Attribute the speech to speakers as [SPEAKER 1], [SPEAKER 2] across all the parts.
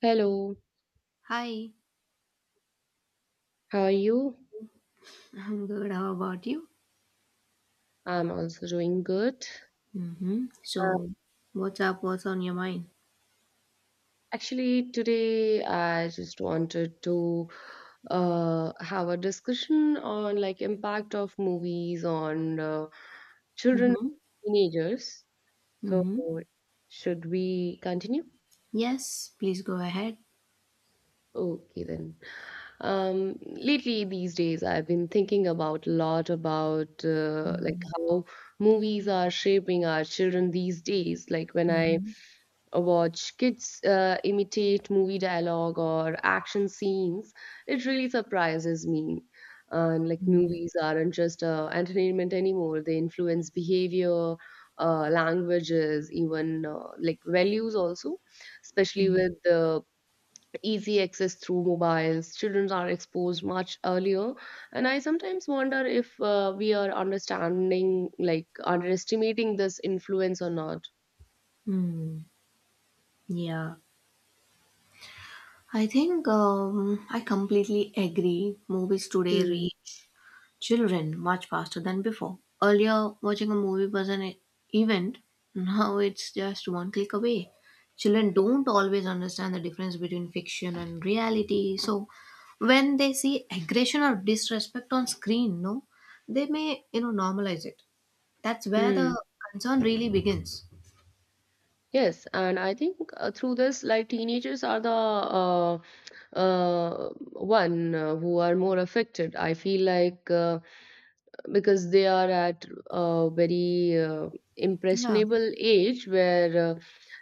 [SPEAKER 1] Hello,
[SPEAKER 2] Hi,
[SPEAKER 1] how are you?
[SPEAKER 2] I'm good. How about you?
[SPEAKER 1] I'm also doing good.
[SPEAKER 2] Mm-hmm.
[SPEAKER 1] Uh,
[SPEAKER 2] So, what's up? What's on your mind?
[SPEAKER 1] Actually, today I just wanted to have a discussion on like impact of movies on children,
[SPEAKER 2] Mm-hmm.
[SPEAKER 1] teenagers. So,
[SPEAKER 2] Mm-hmm.
[SPEAKER 1] should we continue?
[SPEAKER 2] Yes, please go ahead.
[SPEAKER 1] Okay then. Lately, these days, I've been thinking about a lot about like how movies are shaping our children these days. Like when I
[SPEAKER 2] Mm-hmm.
[SPEAKER 1] watch kids imitate movie dialogue or action scenes, it really surprises me. And like
[SPEAKER 2] Mm-hmm.
[SPEAKER 1] movies aren't just entertainment anymore, they influence behavior, languages, even like values also, especially with the easy access through mobiles. Children are exposed much earlier. And I sometimes wonder if we are understanding, like underestimating this influence or not.
[SPEAKER 2] Mm-hmm. Yeah, I think I completely agree. Movies today
[SPEAKER 1] Hmm.
[SPEAKER 2] reach children much faster than before. Earlier, watching a movie was an event, now it's just one click away. Children don't always understand the difference between fiction and reality, so when they see aggression or disrespect on screen, no, they may normalize it. That's where the
[SPEAKER 1] Hmm.
[SPEAKER 2] concern really begins.
[SPEAKER 1] Yes, and I think through this, like teenagers are the one who are more affected. I feel like because they are at a very
[SPEAKER 2] Yeah,
[SPEAKER 1] impressionable age where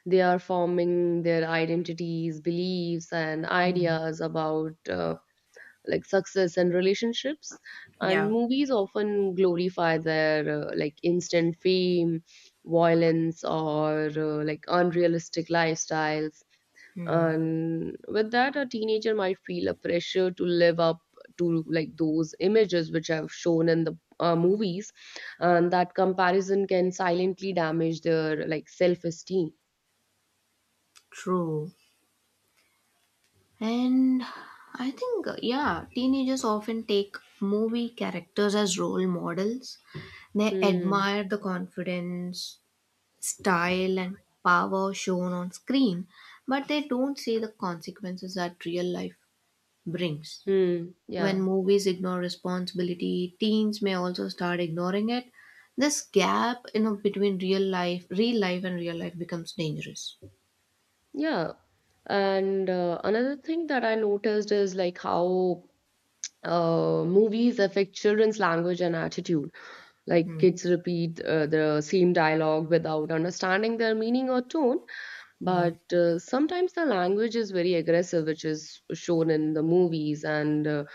[SPEAKER 1] they are forming their identities, beliefs, and ideas about like success and relationships, and
[SPEAKER 2] yeah.
[SPEAKER 1] movies often glorify their like instant fame, violence, or like unrealistic lifestyles,
[SPEAKER 2] Hmm,
[SPEAKER 1] and with that a teenager might feel a pressure to live up to like those images which I've shown in the movies, and that comparison can silently damage their like self-esteem.
[SPEAKER 2] true. And I think, yeah, teenagers often take movie characters as role models. They
[SPEAKER 1] Hmm.
[SPEAKER 2] admire the confidence, style, and power shown on screen, but they don't see the consequences that real life brings.
[SPEAKER 1] Hmm.
[SPEAKER 2] When
[SPEAKER 1] Yeah.
[SPEAKER 2] movies ignore responsibility, teens may also start ignoring it. This gap, you know, between real life and real life becomes dangerous.
[SPEAKER 1] Yeah. And another thing that I noticed is like how movies affect children's language and attitude. Like
[SPEAKER 2] Hmm.
[SPEAKER 1] kids repeat the same dialogue without understanding their meaning or tone, but sometimes the language is very aggressive which is shown in the movies, and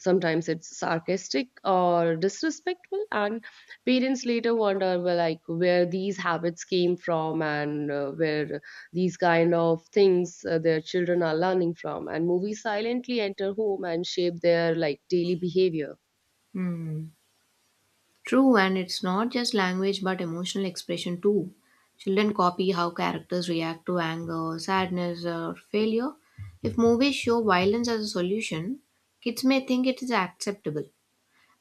[SPEAKER 1] sometimes it's sarcastic or disrespectful, and parents later wonder well like where these habits came from, and where these kind of things their children are learning from, and movies silently enter home and shape their like daily behavior.
[SPEAKER 2] Hmm. True, and it's not just language but emotional expression too. Children copy how characters react to anger, sadness, or failure. If movies show violence as a solution, kids may think it is acceptable.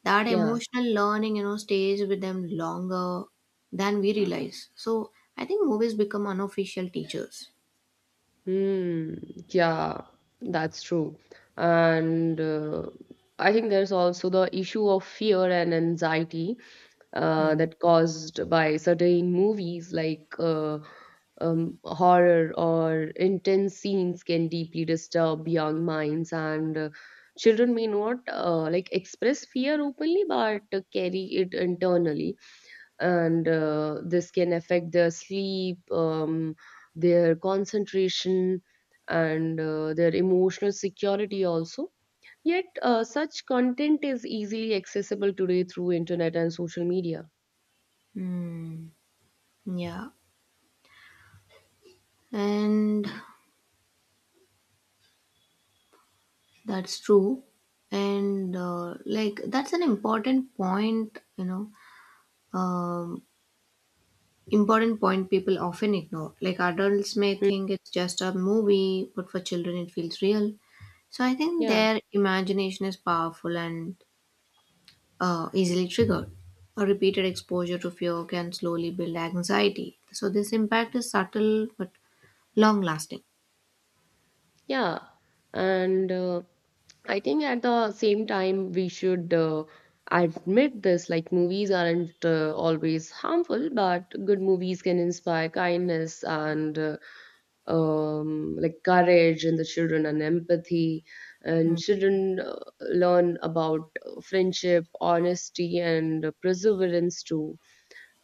[SPEAKER 2] That
[SPEAKER 1] Yeah.
[SPEAKER 2] emotional learning, you know, stays with them longer than we realize. So I think movies become unofficial teachers.
[SPEAKER 1] Hmm. Yeah, that's true. And I think there's also the issue of fear and anxiety
[SPEAKER 2] Hmm.
[SPEAKER 1] that caused by certain movies like horror or intense scenes can deeply disturb young minds, and children may not like express fear openly, but carry it internally, and this can affect their sleep, their concentration, and their emotional security also. Yet, such content is easily accessible today through internet and social media.
[SPEAKER 2] Hmm. Yeah, and that's true. And that's an important point, you know. um, important point people often ignore. Like adults may
[SPEAKER 1] Hmm.
[SPEAKER 2] think it's just a movie, but for children it feels real. So I think
[SPEAKER 1] Yeah.
[SPEAKER 2] their imagination is powerful and easily triggered. A repeated exposure to fear can slowly build anxiety. So this impact is subtle but long lasting.
[SPEAKER 1] Yeah, and I think at the same time we should admit this like movies aren't always harmful, but good movies can inspire kindness and like courage in the children and empathy, and children learn about friendship, honesty, and perseverance too,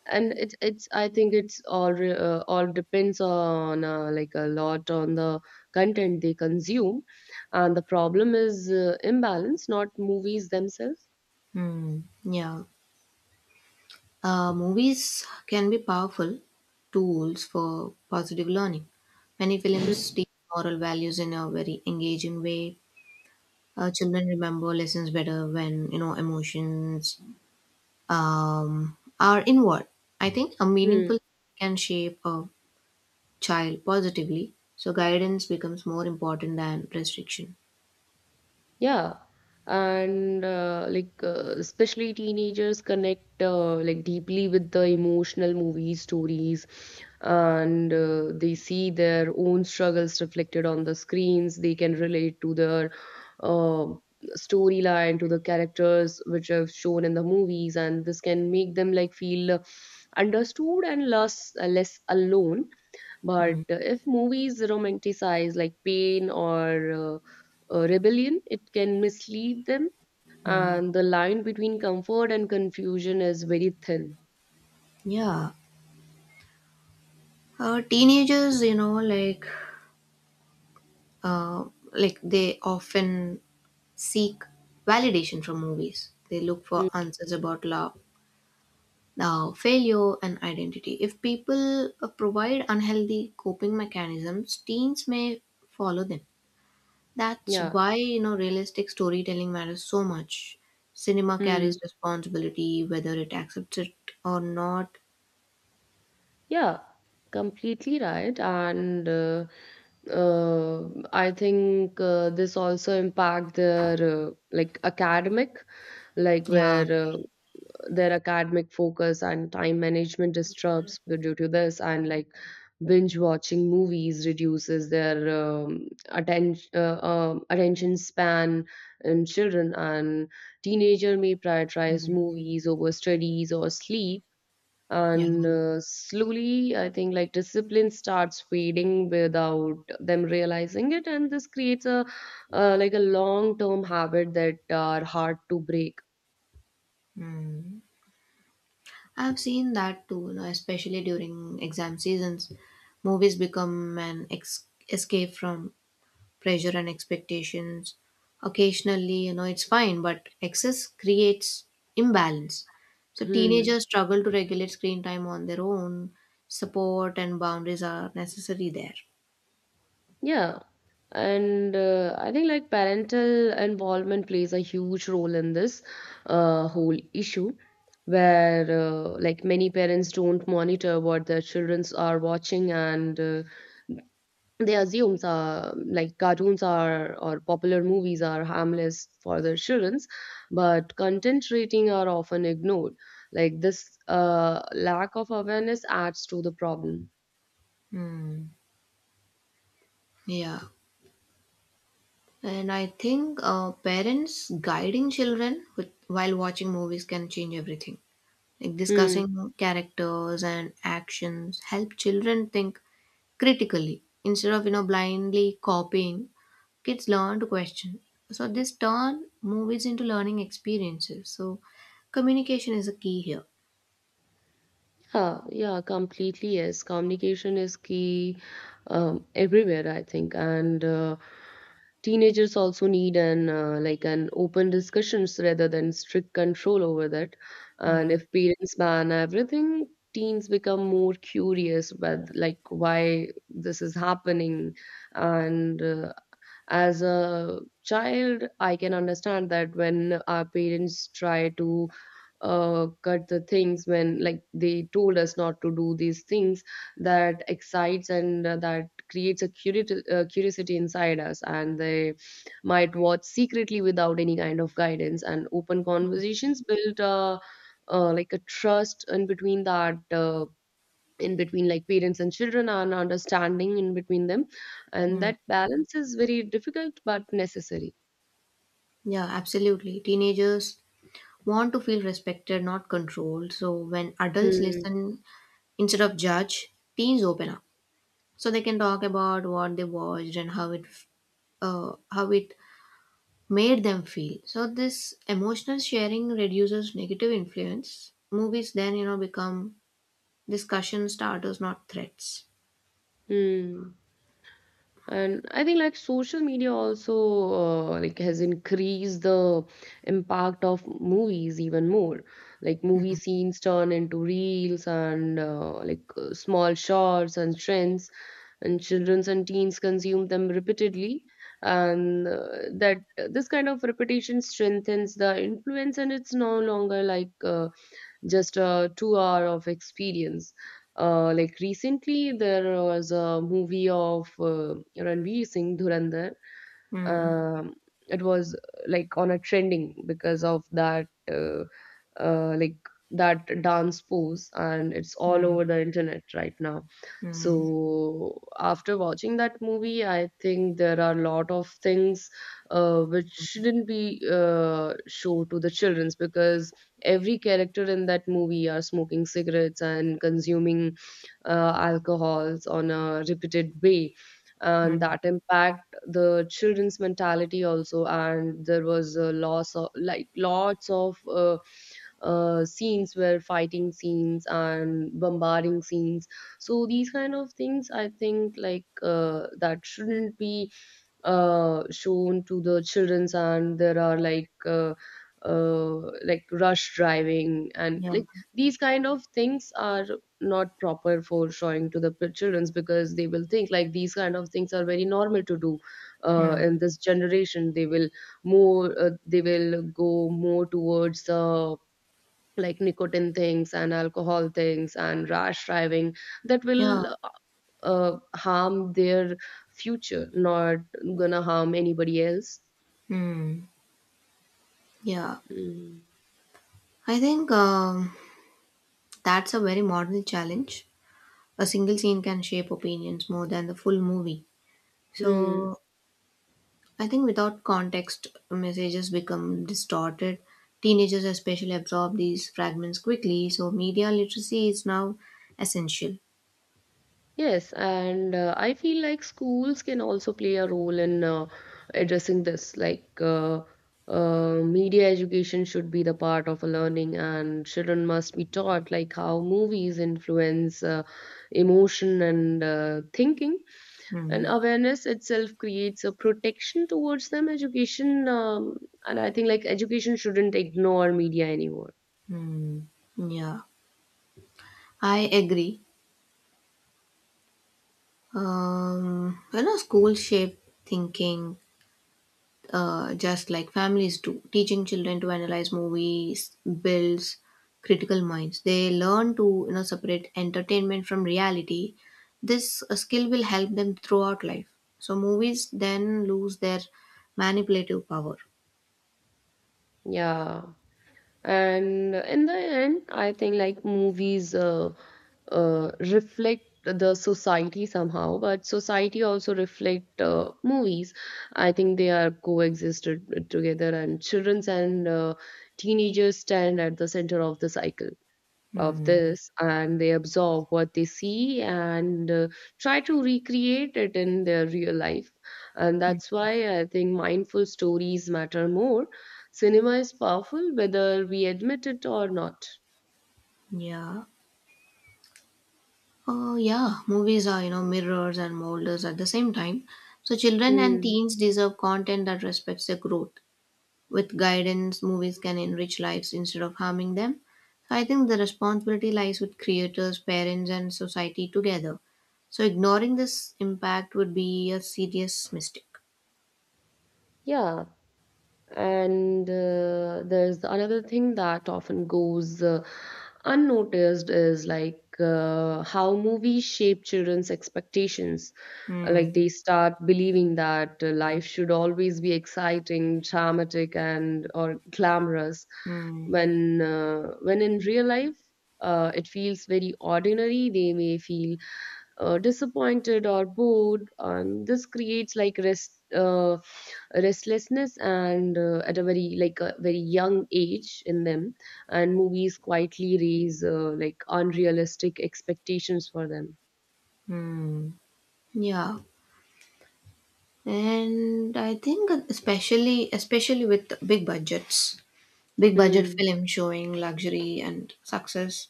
[SPEAKER 1] and it's I think it's all all depends on like a lot on the content they consume, and the problem is imbalance, not movies themselves.
[SPEAKER 2] Hmm. Yeah. Movies can be powerful tools for positive learning. Many films teach moral values in a very engaging way. Children remember lessons better when emotions are inward. I think a
[SPEAKER 1] Mm-hmm.
[SPEAKER 2] meaningful can shape a child positively, so guidance becomes more important than restriction.
[SPEAKER 1] Yeah, and like especially teenagers connect like deeply with the emotional movie stories, and they see their own struggles reflected on the screens. They can relate to their uh, storyline, to the characters which are shown in the movies, and this can make them like feel understood and less alone, but
[SPEAKER 2] Hmm.
[SPEAKER 1] if movies romanticize like pain or rebellion, it can mislead them, and the line between comfort and confusion is very thin.
[SPEAKER 2] Yeah, teenagers, you know, uh, like they often seek validation from movies. They look for
[SPEAKER 1] Mm.
[SPEAKER 2] answers about love, now, failure, and identity. If people provide unhealthy coping mechanisms, teens may follow them. That's
[SPEAKER 1] Yeah.
[SPEAKER 2] why realistic storytelling matters so much. Cinema carries
[SPEAKER 1] Hmm.
[SPEAKER 2] responsibility, whether it accepts it or not.
[SPEAKER 1] Yeah. Completely right. And I think this also impact their like academic, like
[SPEAKER 2] Yeah,
[SPEAKER 1] where their academic focus and time management disturbs due to this, and like binge watching movies reduces their attention attention span in children, and teenager may prioritize movies over studies or sleep,
[SPEAKER 2] yeah.
[SPEAKER 1] and slowly I think like discipline starts fading without them realizing it, and this creates a like a long term habit that are hard to break.
[SPEAKER 2] Mm. I've seen that too, you know, especially during exam seasons. Movies become an escape from pressure and expectations. Occasionally, it's fine, but excess creates imbalance, so
[SPEAKER 1] Hmm.
[SPEAKER 2] teenagers struggle to regulate screen time on their own. Support and boundaries are necessary there.
[SPEAKER 1] Yeah. And I think like parental involvement plays a huge role in this whole issue, where like many parents don't monitor what their childrens are watching, and they assume like cartoons are or popular movies are harmless for their children, but content rating are often ignored. Like this lack of awareness adds to the problem.
[SPEAKER 2] Hmm. Yeah. And I think parents guiding children with, while watching movies can change everything. Like
[SPEAKER 1] Hmm.
[SPEAKER 2] discussing characters and actions help children think critically instead of blindly copying. Kids learn to question, so this turn movies into learning experiences, so communication is a key here.
[SPEAKER 1] Yeah, yeah, completely. Yes, communication is key everywhere, I think, and teenagers also need an like an open discussions rather than strict control over that. And
[SPEAKER 2] Hmm.
[SPEAKER 1] if parents ban everything, teens become more curious with like why this is happening, and as a child, I can understand that when our parents try to cut the things when like they told us not to do these things, that excites, and that creates a curiosity inside us, and they might watch secretly without any kind of guidance, and open conversations build like a trust in between that in between like parents and children and understanding in between them, and
[SPEAKER 2] Hmm.
[SPEAKER 1] that balance is very difficult but necessary.
[SPEAKER 2] Yeah, absolutely. Teenagers want to feel respected, not controlled, so when adults
[SPEAKER 1] Hmm.
[SPEAKER 2] listen instead of judge, teens open up, so they can talk about what they watched and how it made them feel. So this emotional sharing reduces negative influence. Movies then, you know, become discussion starters, not threats.
[SPEAKER 1] Hmm. And I think like social media also like has increased the impact of movies even more. Like movie scenes turn into reels and like small shorts and trends, and children and teens consume them repeatedly, and that this kind of repetition strengthens the influence, and it's no longer like just a 2-hour of experience. Like recently, there was a movie of Ranveer Singh Dhurandhar,
[SPEAKER 2] Hmm.
[SPEAKER 1] um, it was like on a trending because of that like that dance pose, and it's all
[SPEAKER 2] Hmm.
[SPEAKER 1] over the internet right now.
[SPEAKER 2] Hmm.
[SPEAKER 1] So after watching that movie I think there are a lot of things which shouldn't be shown to the childrens, because every character in that movie are smoking cigarettes and consuming alcohols on a repeated way, and
[SPEAKER 2] Hmm.
[SPEAKER 1] that impact the children's mentality also. And there was a loss of like lots of scenes where fighting scenes and bombarding scenes, so these kind of things I think like that shouldn't be shown to the children's. And there are like rush driving, and
[SPEAKER 2] Yeah.
[SPEAKER 1] like these kind of things are not proper for showing to the children's because they will think like these kind of things are very normal to do
[SPEAKER 2] Hmm.
[SPEAKER 1] in this generation. They will more they will go more towards like nicotine things and alcohol things and rash driving. That
[SPEAKER 2] Yeah.
[SPEAKER 1] will harm their future, not gonna harm anybody else.
[SPEAKER 2] Hmm. Yeah.
[SPEAKER 1] Mm.
[SPEAKER 2] I think that's a very modern challenge. A single scene can shape opinions more than the full movie.
[SPEAKER 1] Hmm.
[SPEAKER 2] So I think without context, messages become distorted. Teenagers, especially, absorb these fragments quickly, so media literacy is now essential.
[SPEAKER 1] Yes, and I feel like schools can also play a role in addressing this. Like, media education should be the part of a learning, and children must be taught like how movies influence emotion and thinking. And
[SPEAKER 2] Hmm.
[SPEAKER 1] awareness itself creates a protection towards them. Education, and I think like education shouldn't ignore media anymore.
[SPEAKER 2] Hmm. Yeah, I agree. You know, school shape thinking, just like families do. Teaching children to analyze movies builds critical minds. They learn to separate entertainment from reality. This skill will help them throughout life. So movies then lose their manipulative power.
[SPEAKER 1] Yeah. And in the end I think like movies reflect the society somehow, but society also reflect movies. I think they are coexisted together, and children and teenagers stand at the center of the cycle of
[SPEAKER 2] Hmm.
[SPEAKER 1] this, and they absorb what they see and try to recreate it in their real life. And
[SPEAKER 2] Mm.
[SPEAKER 1] that's why I think mindful stories matter more. Cinema is powerful whether we admit it or not.
[SPEAKER 2] Yeah. Oh, yeah. Movies are, you know, mirrors and molders at the same time. So children and
[SPEAKER 1] Hmm.
[SPEAKER 2] teens deserve content that respects their growth. With guidance, movies can enrich lives instead of harming them. So I think the responsibility lies with creators, parents, and society together. So ignoring this impact would be a serious mistake.
[SPEAKER 1] Yeah. And there's another thing that often goes unnoticed is like how movies shape children's expectations. Like
[SPEAKER 2] Hmm.
[SPEAKER 1] they start believing that life should always be exciting, dramatic, and or glamorous.
[SPEAKER 2] Hmm.
[SPEAKER 1] When in real life, it feels very ordinary. They may feel disappointed or bored, and this creates like restlessness and at a very like a very young age in them, and movies quietly raise like unrealistic expectations for them.
[SPEAKER 2] Hmm. Yeah, and I think especially with big budget
[SPEAKER 1] Hmm.
[SPEAKER 2] film showing luxury and success,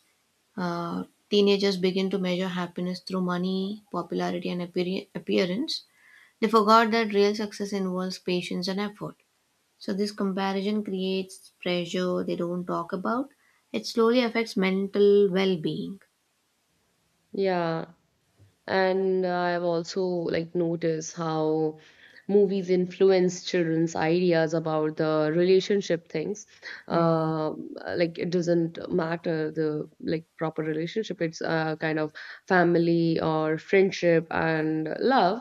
[SPEAKER 2] uh, teenagers begin to measure happiness through money, popularity, and appearance. They forgot that real success involves patience and effort. So, this comparison creates pressure they don't talk about. It slowly affects mental well being.
[SPEAKER 1] Yeah. And I've also like noticed how movies influence children's ideas about the relationship things.
[SPEAKER 2] Mm.
[SPEAKER 1] Um like it doesn't matter the like proper relationship. It's kind of family or friendship and love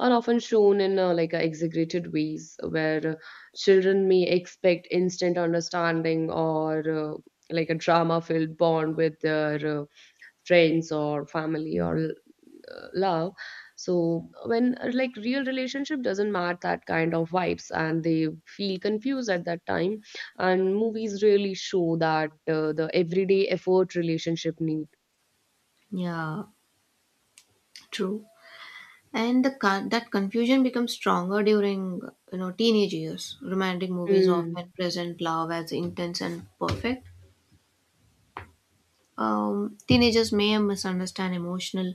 [SPEAKER 1] are often shown in like exaggerated ways where children may expect instant understanding or like a drama filled bond with their friends or family or love. So when like real relationship doesn't match that kind of vibes, and they feel confused at that time, and movies really show that the everyday effort relationship need.
[SPEAKER 2] Yeah, true. And that confusion becomes stronger during teenage years. Romantic movies often
[SPEAKER 1] Hmm.
[SPEAKER 2] present love as intense and perfect, teenagers may misunderstand emotional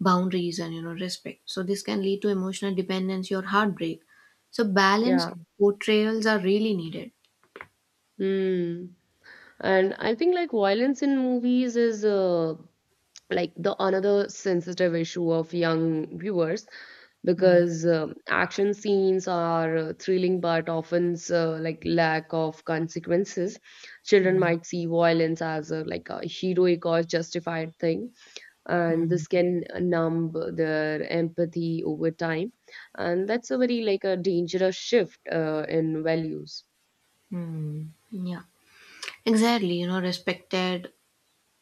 [SPEAKER 2] boundaries and respect, so this can lead to emotional dependency or heartbreak, so balanced
[SPEAKER 1] Yeah.
[SPEAKER 2] portrayals are really needed.
[SPEAKER 1] Hmm. And I think like violence in movies is like the another sensitive issue of young viewers, because action scenes are thrilling, but often like lack of consequences. Children might see violence as a, like a heroic or justified thing, and this can numb their empathy over time, and that's a very like a dangerous shift in values.
[SPEAKER 2] Hmm. Yeah, exactly, you know. Respected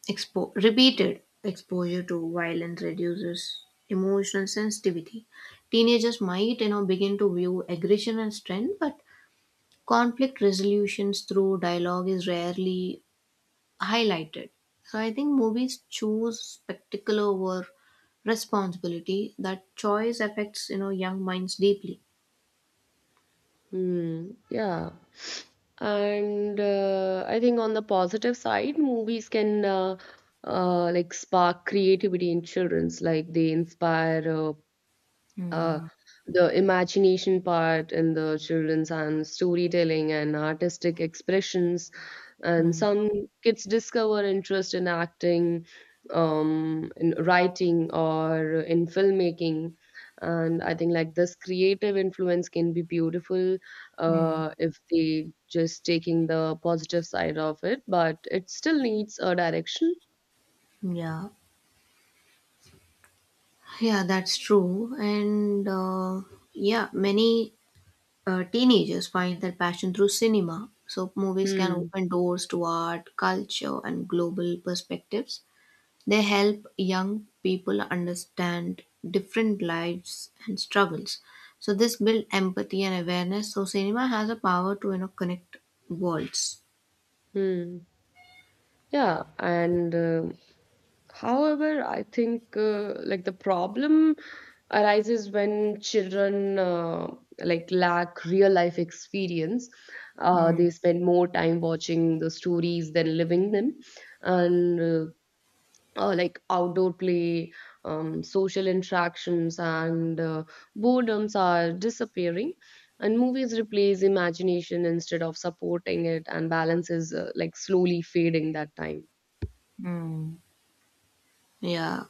[SPEAKER 2] repeated exposure to violence reduces emotional sensitivity. Teenagers might, you know, begin to view aggression as strength, but conflict resolutions through dialogue is rarely highlighted. So I think movies choose spectacle over responsibility. That choice affects, you know, young minds deeply.
[SPEAKER 1] Hmm. Yeah. And I think on the positive side, movies can like spark creativity in children's. Like they inspire uh, the imagination part in the children's and storytelling and artistic expressions, and some kids discover interest in acting, in writing or in filmmaking. And I think like this creative influence can be beautiful if they just taking the positive side of it, but it still needs a direction.
[SPEAKER 2] Yeah, yeah, that's true. And yeah, many teenagers find their passion through cinema. So movies can
[SPEAKER 1] Hmm.
[SPEAKER 2] open doors to art, culture, and global perspectives. They help young people understand different lives and struggles. So this build empathy and awareness. So cinema has a power to connect worlds.
[SPEAKER 1] Hmm. Yeah, and however, I think like the problem arises when children, like lack real life experience. They spend more time watching the stories than living them, and like outdoor play, social interactions, and boredoms are disappearing. And movies replace imagination instead of supporting it, and balance is like slowly fading that time.
[SPEAKER 2] Mm. Yeah,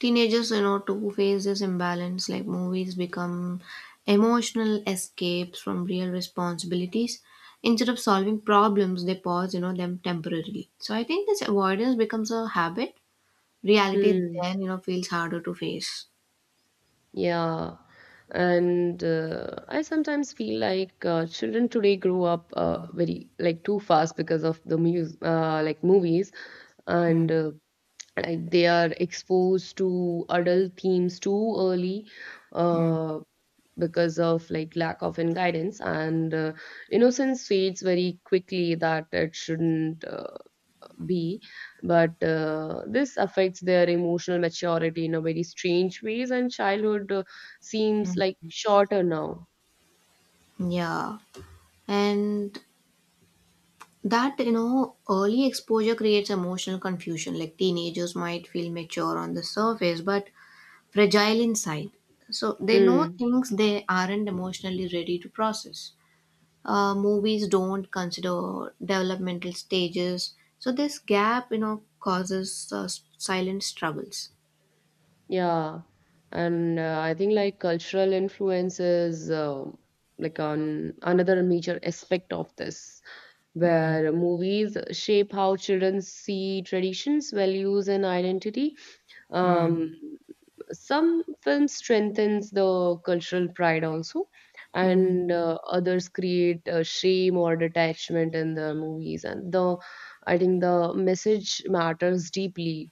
[SPEAKER 2] teenagers, you know, to face this imbalance. Like movies become emotional escapes from real responsibilities. Instead of solving problems, they pause, you know, them temporarily. So I think this avoidance becomes a habit. Reality
[SPEAKER 1] Hmm.
[SPEAKER 2] then, you know, feels harder to face.
[SPEAKER 1] Yeah. And I sometimes feel like children today grow up very like too fast because of the mus like movies, and like they are exposed to adult themes too early. Uh, because of like lack of in guidance and, innocence fades very quickly that it shouldn't be, but this affects their emotional maturity in a very strange ways, and childhood seems like shorter now.
[SPEAKER 2] Yeah. And that, you know, early exposure creates emotional confusion. Like teenagers might feel mature on the surface, but fragile inside. So they know
[SPEAKER 1] Hmm.
[SPEAKER 2] things they aren't emotionally ready to process. Movies don't consider developmental stages. So this gap, you know, causes silent struggles.
[SPEAKER 1] Yeah. And I think like cultural influence is like on another major aspect of this, where movies shape how children see traditions, values, and identity. um, some films strengthens the cultural pride also, and others create shame or detachment in the movies, and the I think the message matters deeply.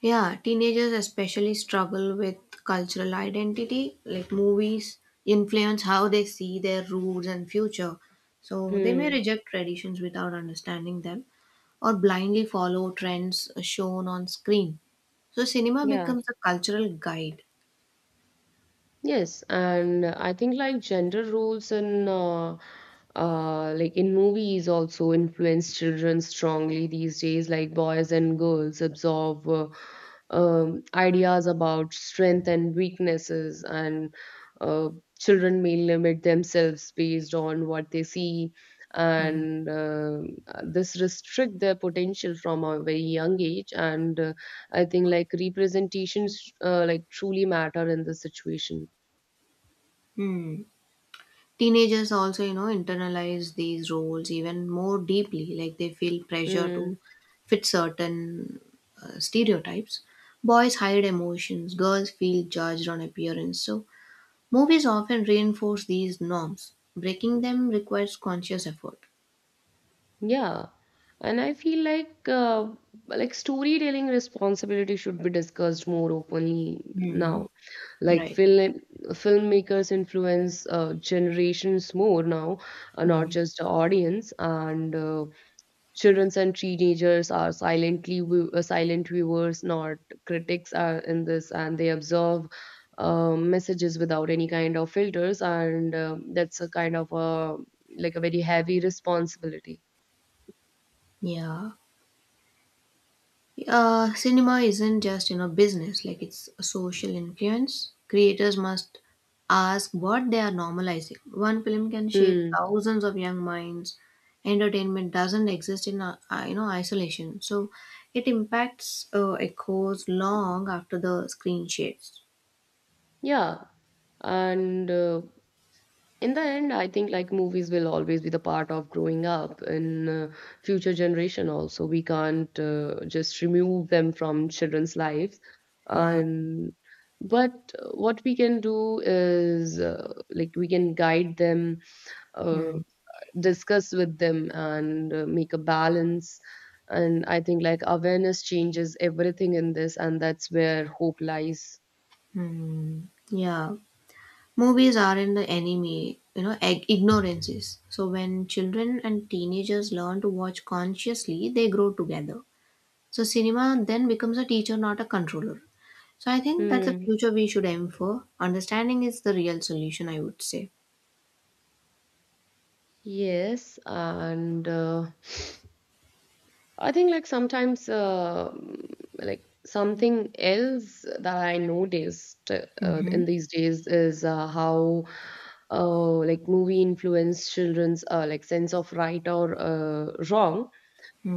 [SPEAKER 2] Yeah, teenagers especially struggle with cultural identity, like movies influence how they see their roots and future. So they may
[SPEAKER 1] Hmm.
[SPEAKER 2] reject traditions without understanding them or blindly follow trends shown on screen. So cinema
[SPEAKER 1] Yeah.
[SPEAKER 2] becomes a cultural guide.
[SPEAKER 1] Yes, and I think like gender roles in like in movies also influence children strongly these days. Like boys and girls absorb ideas about strength and weaknesses, and uh, children may limit themselves based on what they see,
[SPEAKER 2] Hmm.
[SPEAKER 1] and this restrict their potential from a very young age. And I think like representations like truly matter in this situation.
[SPEAKER 2] Hmm. Teenagers also, you know, internalize these roles even more deeply, like they feel pressure to
[SPEAKER 1] Mm,
[SPEAKER 2] fit certain stereotypes. Boys hide emotions, girls feel judged on appearance. So, movies often reinforce these norms. Breaking them requires conscious effort.
[SPEAKER 1] yeah. And I feel like storytelling responsibility should be discussed more openly
[SPEAKER 2] Hmm.
[SPEAKER 1] now. Like
[SPEAKER 2] Right.
[SPEAKER 1] filmmakers influence generations more now, not
[SPEAKER 2] Hmm.
[SPEAKER 1] just the audience. And children and teenagers are silently silent viewers, not critics are in this, and they observe messages without any kind of filters. And that's a kind of a like a very heavy responsibility.
[SPEAKER 2] Yeah. Cinema isn't just, you know, business; like it's a social influence. Creators must ask what they are normalizing. One film can shape
[SPEAKER 1] Hmm.
[SPEAKER 2] thousands of young minds. Entertainment doesn't exist in you know, isolation, so it impacts echoes long after the screen shades.
[SPEAKER 1] Yeah. And in the end, I think like movies will always be the part of growing up in future generation also. We can't just remove them from children's lives.
[SPEAKER 2] Yeah.
[SPEAKER 1] And but what we can do is like we can guide them, uh,
[SPEAKER 2] Mm.
[SPEAKER 1] discuss with them, and make a balance. And I think like awareness changes everything in this, and that's where hope lies.
[SPEAKER 2] Hmm. Yeah. Movies are in the enemy, you know, ignorances. So when children and teenagers learn to watch consciously, they grow together. So cinema then becomes a teacher, not a controller. So I think that's the
[SPEAKER 1] Hmm.
[SPEAKER 2] future we should aim for. Understanding is the real solution, I would say.
[SPEAKER 1] Yes, and I think like sometimes like something else that I noticed in these days is how like movie influence children's like sense of right or wrong,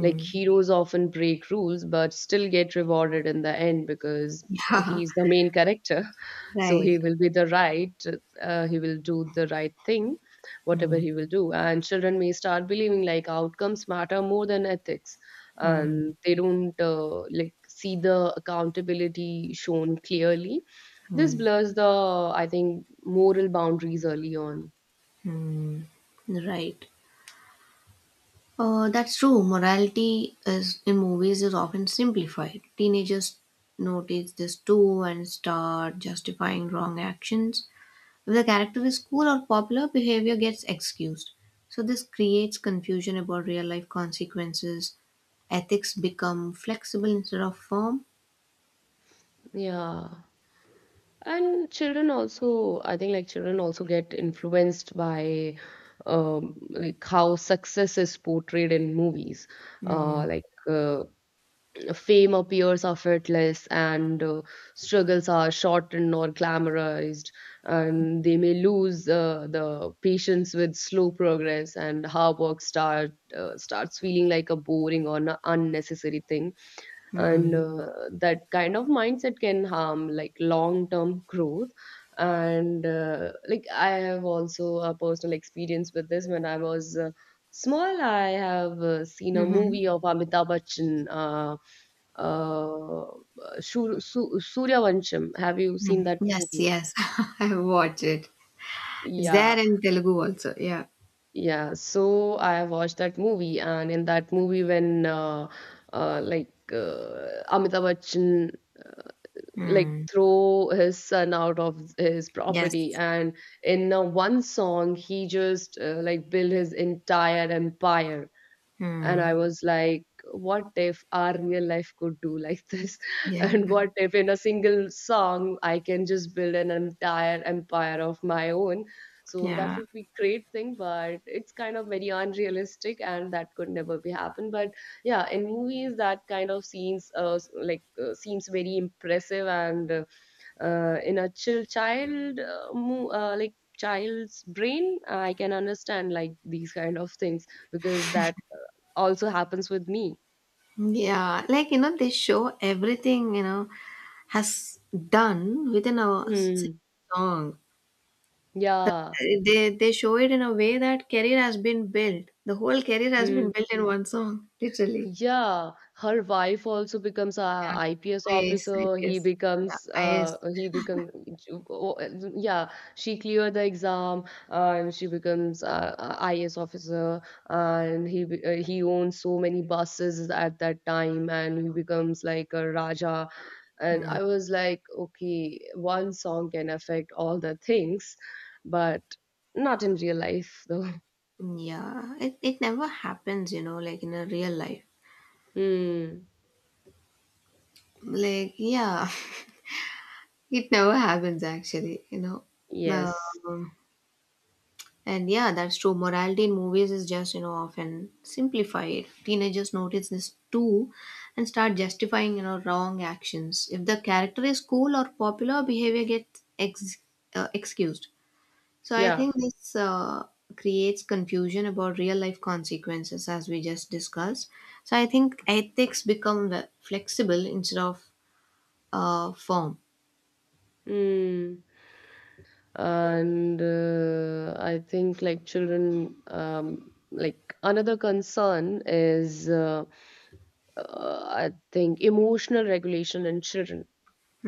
[SPEAKER 1] like heroes often break rules but still get rewarded in the end because
[SPEAKER 2] Yeah,
[SPEAKER 1] he's the main character. So
[SPEAKER 2] right.
[SPEAKER 1] he will be the right, he will do the right thing, whatever
[SPEAKER 2] Hmm.
[SPEAKER 1] he will do. And children may start believing like outcomes matter more than ethics.
[SPEAKER 2] Hmm.
[SPEAKER 1] And they don't like see the accountability shown clearly. This blurs the, I think, moral boundaries early on.
[SPEAKER 2] Right. That's true. Morality is in movies is often simplified. Teenagers notice this too and start justifying wrong actions. If the character is cool or popular, behavior gets excused. So, this creates confusion about real life consequences. Ethics become flexible instead of firm.
[SPEAKER 1] Yeah. And children also, I think like children also get influenced by like how success is portrayed in movies, uh, like uh, fame appears effortless, and struggles are shortened or glamorized, and they may lose the patience with slow progress, and hard work starts feeling like a boring or unnecessary thing. And that kind of mindset can harm like long term growth. And like I have also a personal experience with this. When I was small, I have seen a movie of Amitabh Bachchan, uh, Suryavansham. Have you seen that
[SPEAKER 2] Yes,
[SPEAKER 1] movie?
[SPEAKER 2] yes, I watch it. It's there
[SPEAKER 1] Yeah,
[SPEAKER 2] in Telugu also. Yeah.
[SPEAKER 1] yeah. So I watched that movie, and in that movie, when Amitabh Bachchan like throw his son out of his property,
[SPEAKER 2] Yes.
[SPEAKER 1] and in one song he just like built his entire empire. And I was like, what if our real life could do like this?
[SPEAKER 2] Yeah,
[SPEAKER 1] And what if in a single song I can just build an entire empire of my own? So that
[SPEAKER 2] yeah,
[SPEAKER 1] would be great thing, but it's kind of very unrealistic and that could never be happen. But yeah, in movies that kind of scenes seems very impressive. And in a chill child like child's brain, I can understand like these kind of things because that also happens with me.
[SPEAKER 2] yeah. Like, you know, they show everything, you know, has done within a single
[SPEAKER 1] Mm.
[SPEAKER 2] song. The,
[SPEAKER 1] Yeah.
[SPEAKER 2] they show it in a way that career has been built. The whole career has been
[SPEAKER 1] Hmm.
[SPEAKER 2] built in one song, literally.
[SPEAKER 1] Yeah, her wife also becomes a
[SPEAKER 2] Yeah,
[SPEAKER 1] IPS
[SPEAKER 2] IAS,
[SPEAKER 1] officer. He
[SPEAKER 2] IPS. Yeah,
[SPEAKER 1] becomes
[SPEAKER 2] IAS.
[SPEAKER 1] he become. Oh, yeah, she cleared the exam and she becomes a, IS officer, and he owns so many buses at that time, and he becomes like a raja. And I was like, okay, one song can affect all the things, but not in real life though.
[SPEAKER 2] Yeah, it never happens, you know, like in a real life.
[SPEAKER 1] Hmm.
[SPEAKER 2] Like, yeah, it never happens actually, you know. Uh,
[SPEAKER 1] Yes.
[SPEAKER 2] and yeah, that's true. Morality in movies is just, you know, often simplified. Teenagers notice this too and start justifying, you know, wrong actions. If the character is cool or popular, behavior gets excused. So I
[SPEAKER 1] Yeah.
[SPEAKER 2] think this creates confusion about real life consequences as we just discussed. So I think ethics become flexible instead of firm.
[SPEAKER 1] Hmm. And I think like children, like another concern is I think emotional regulation in children,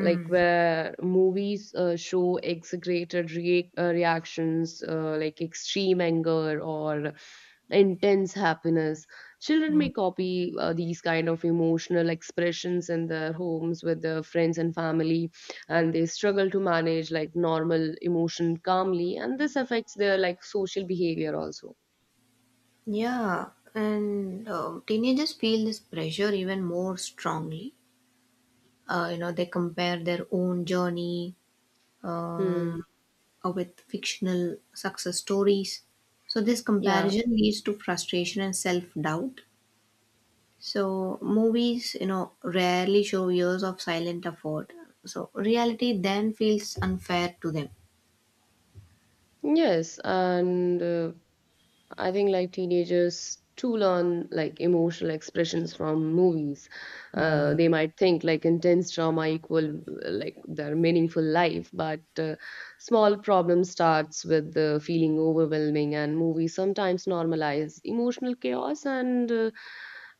[SPEAKER 1] like where movies show exaggerated reactions, like extreme anger or intense happiness. Children may copy these kind of emotional expressions in their homes with their friends and family, and they struggle to manage like normal emotion calmly, and this affects their like social behavior also.
[SPEAKER 2] Yeah, and teenagers feel this pressure even more strongly. You know, they compare their own journey
[SPEAKER 1] Hmm.
[SPEAKER 2] with fictional success stories. So this
[SPEAKER 1] Yeah.
[SPEAKER 2] comparison leads to frustration and self doubt. So movies, you know, rarely show years of silent effort. So reality then feels unfair to them.
[SPEAKER 1] Yes, and I think like teenagers too learn like emotional expressions from movies. They might think like intense drama equal like their meaningful life, but small problem starts with the feeling overwhelming, and movies sometimes normalize emotional chaos. And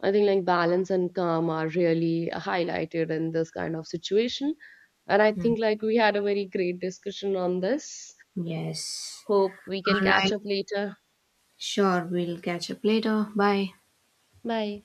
[SPEAKER 1] I think like balance and calm are really highlighted in this kind of situation. And I think like we had a very great discussion on this.
[SPEAKER 2] Yes.
[SPEAKER 1] Hope we can
[SPEAKER 2] All
[SPEAKER 1] catch
[SPEAKER 2] right.
[SPEAKER 1] up later.
[SPEAKER 2] Sure, we'll catch up later. Bye.
[SPEAKER 1] Bye.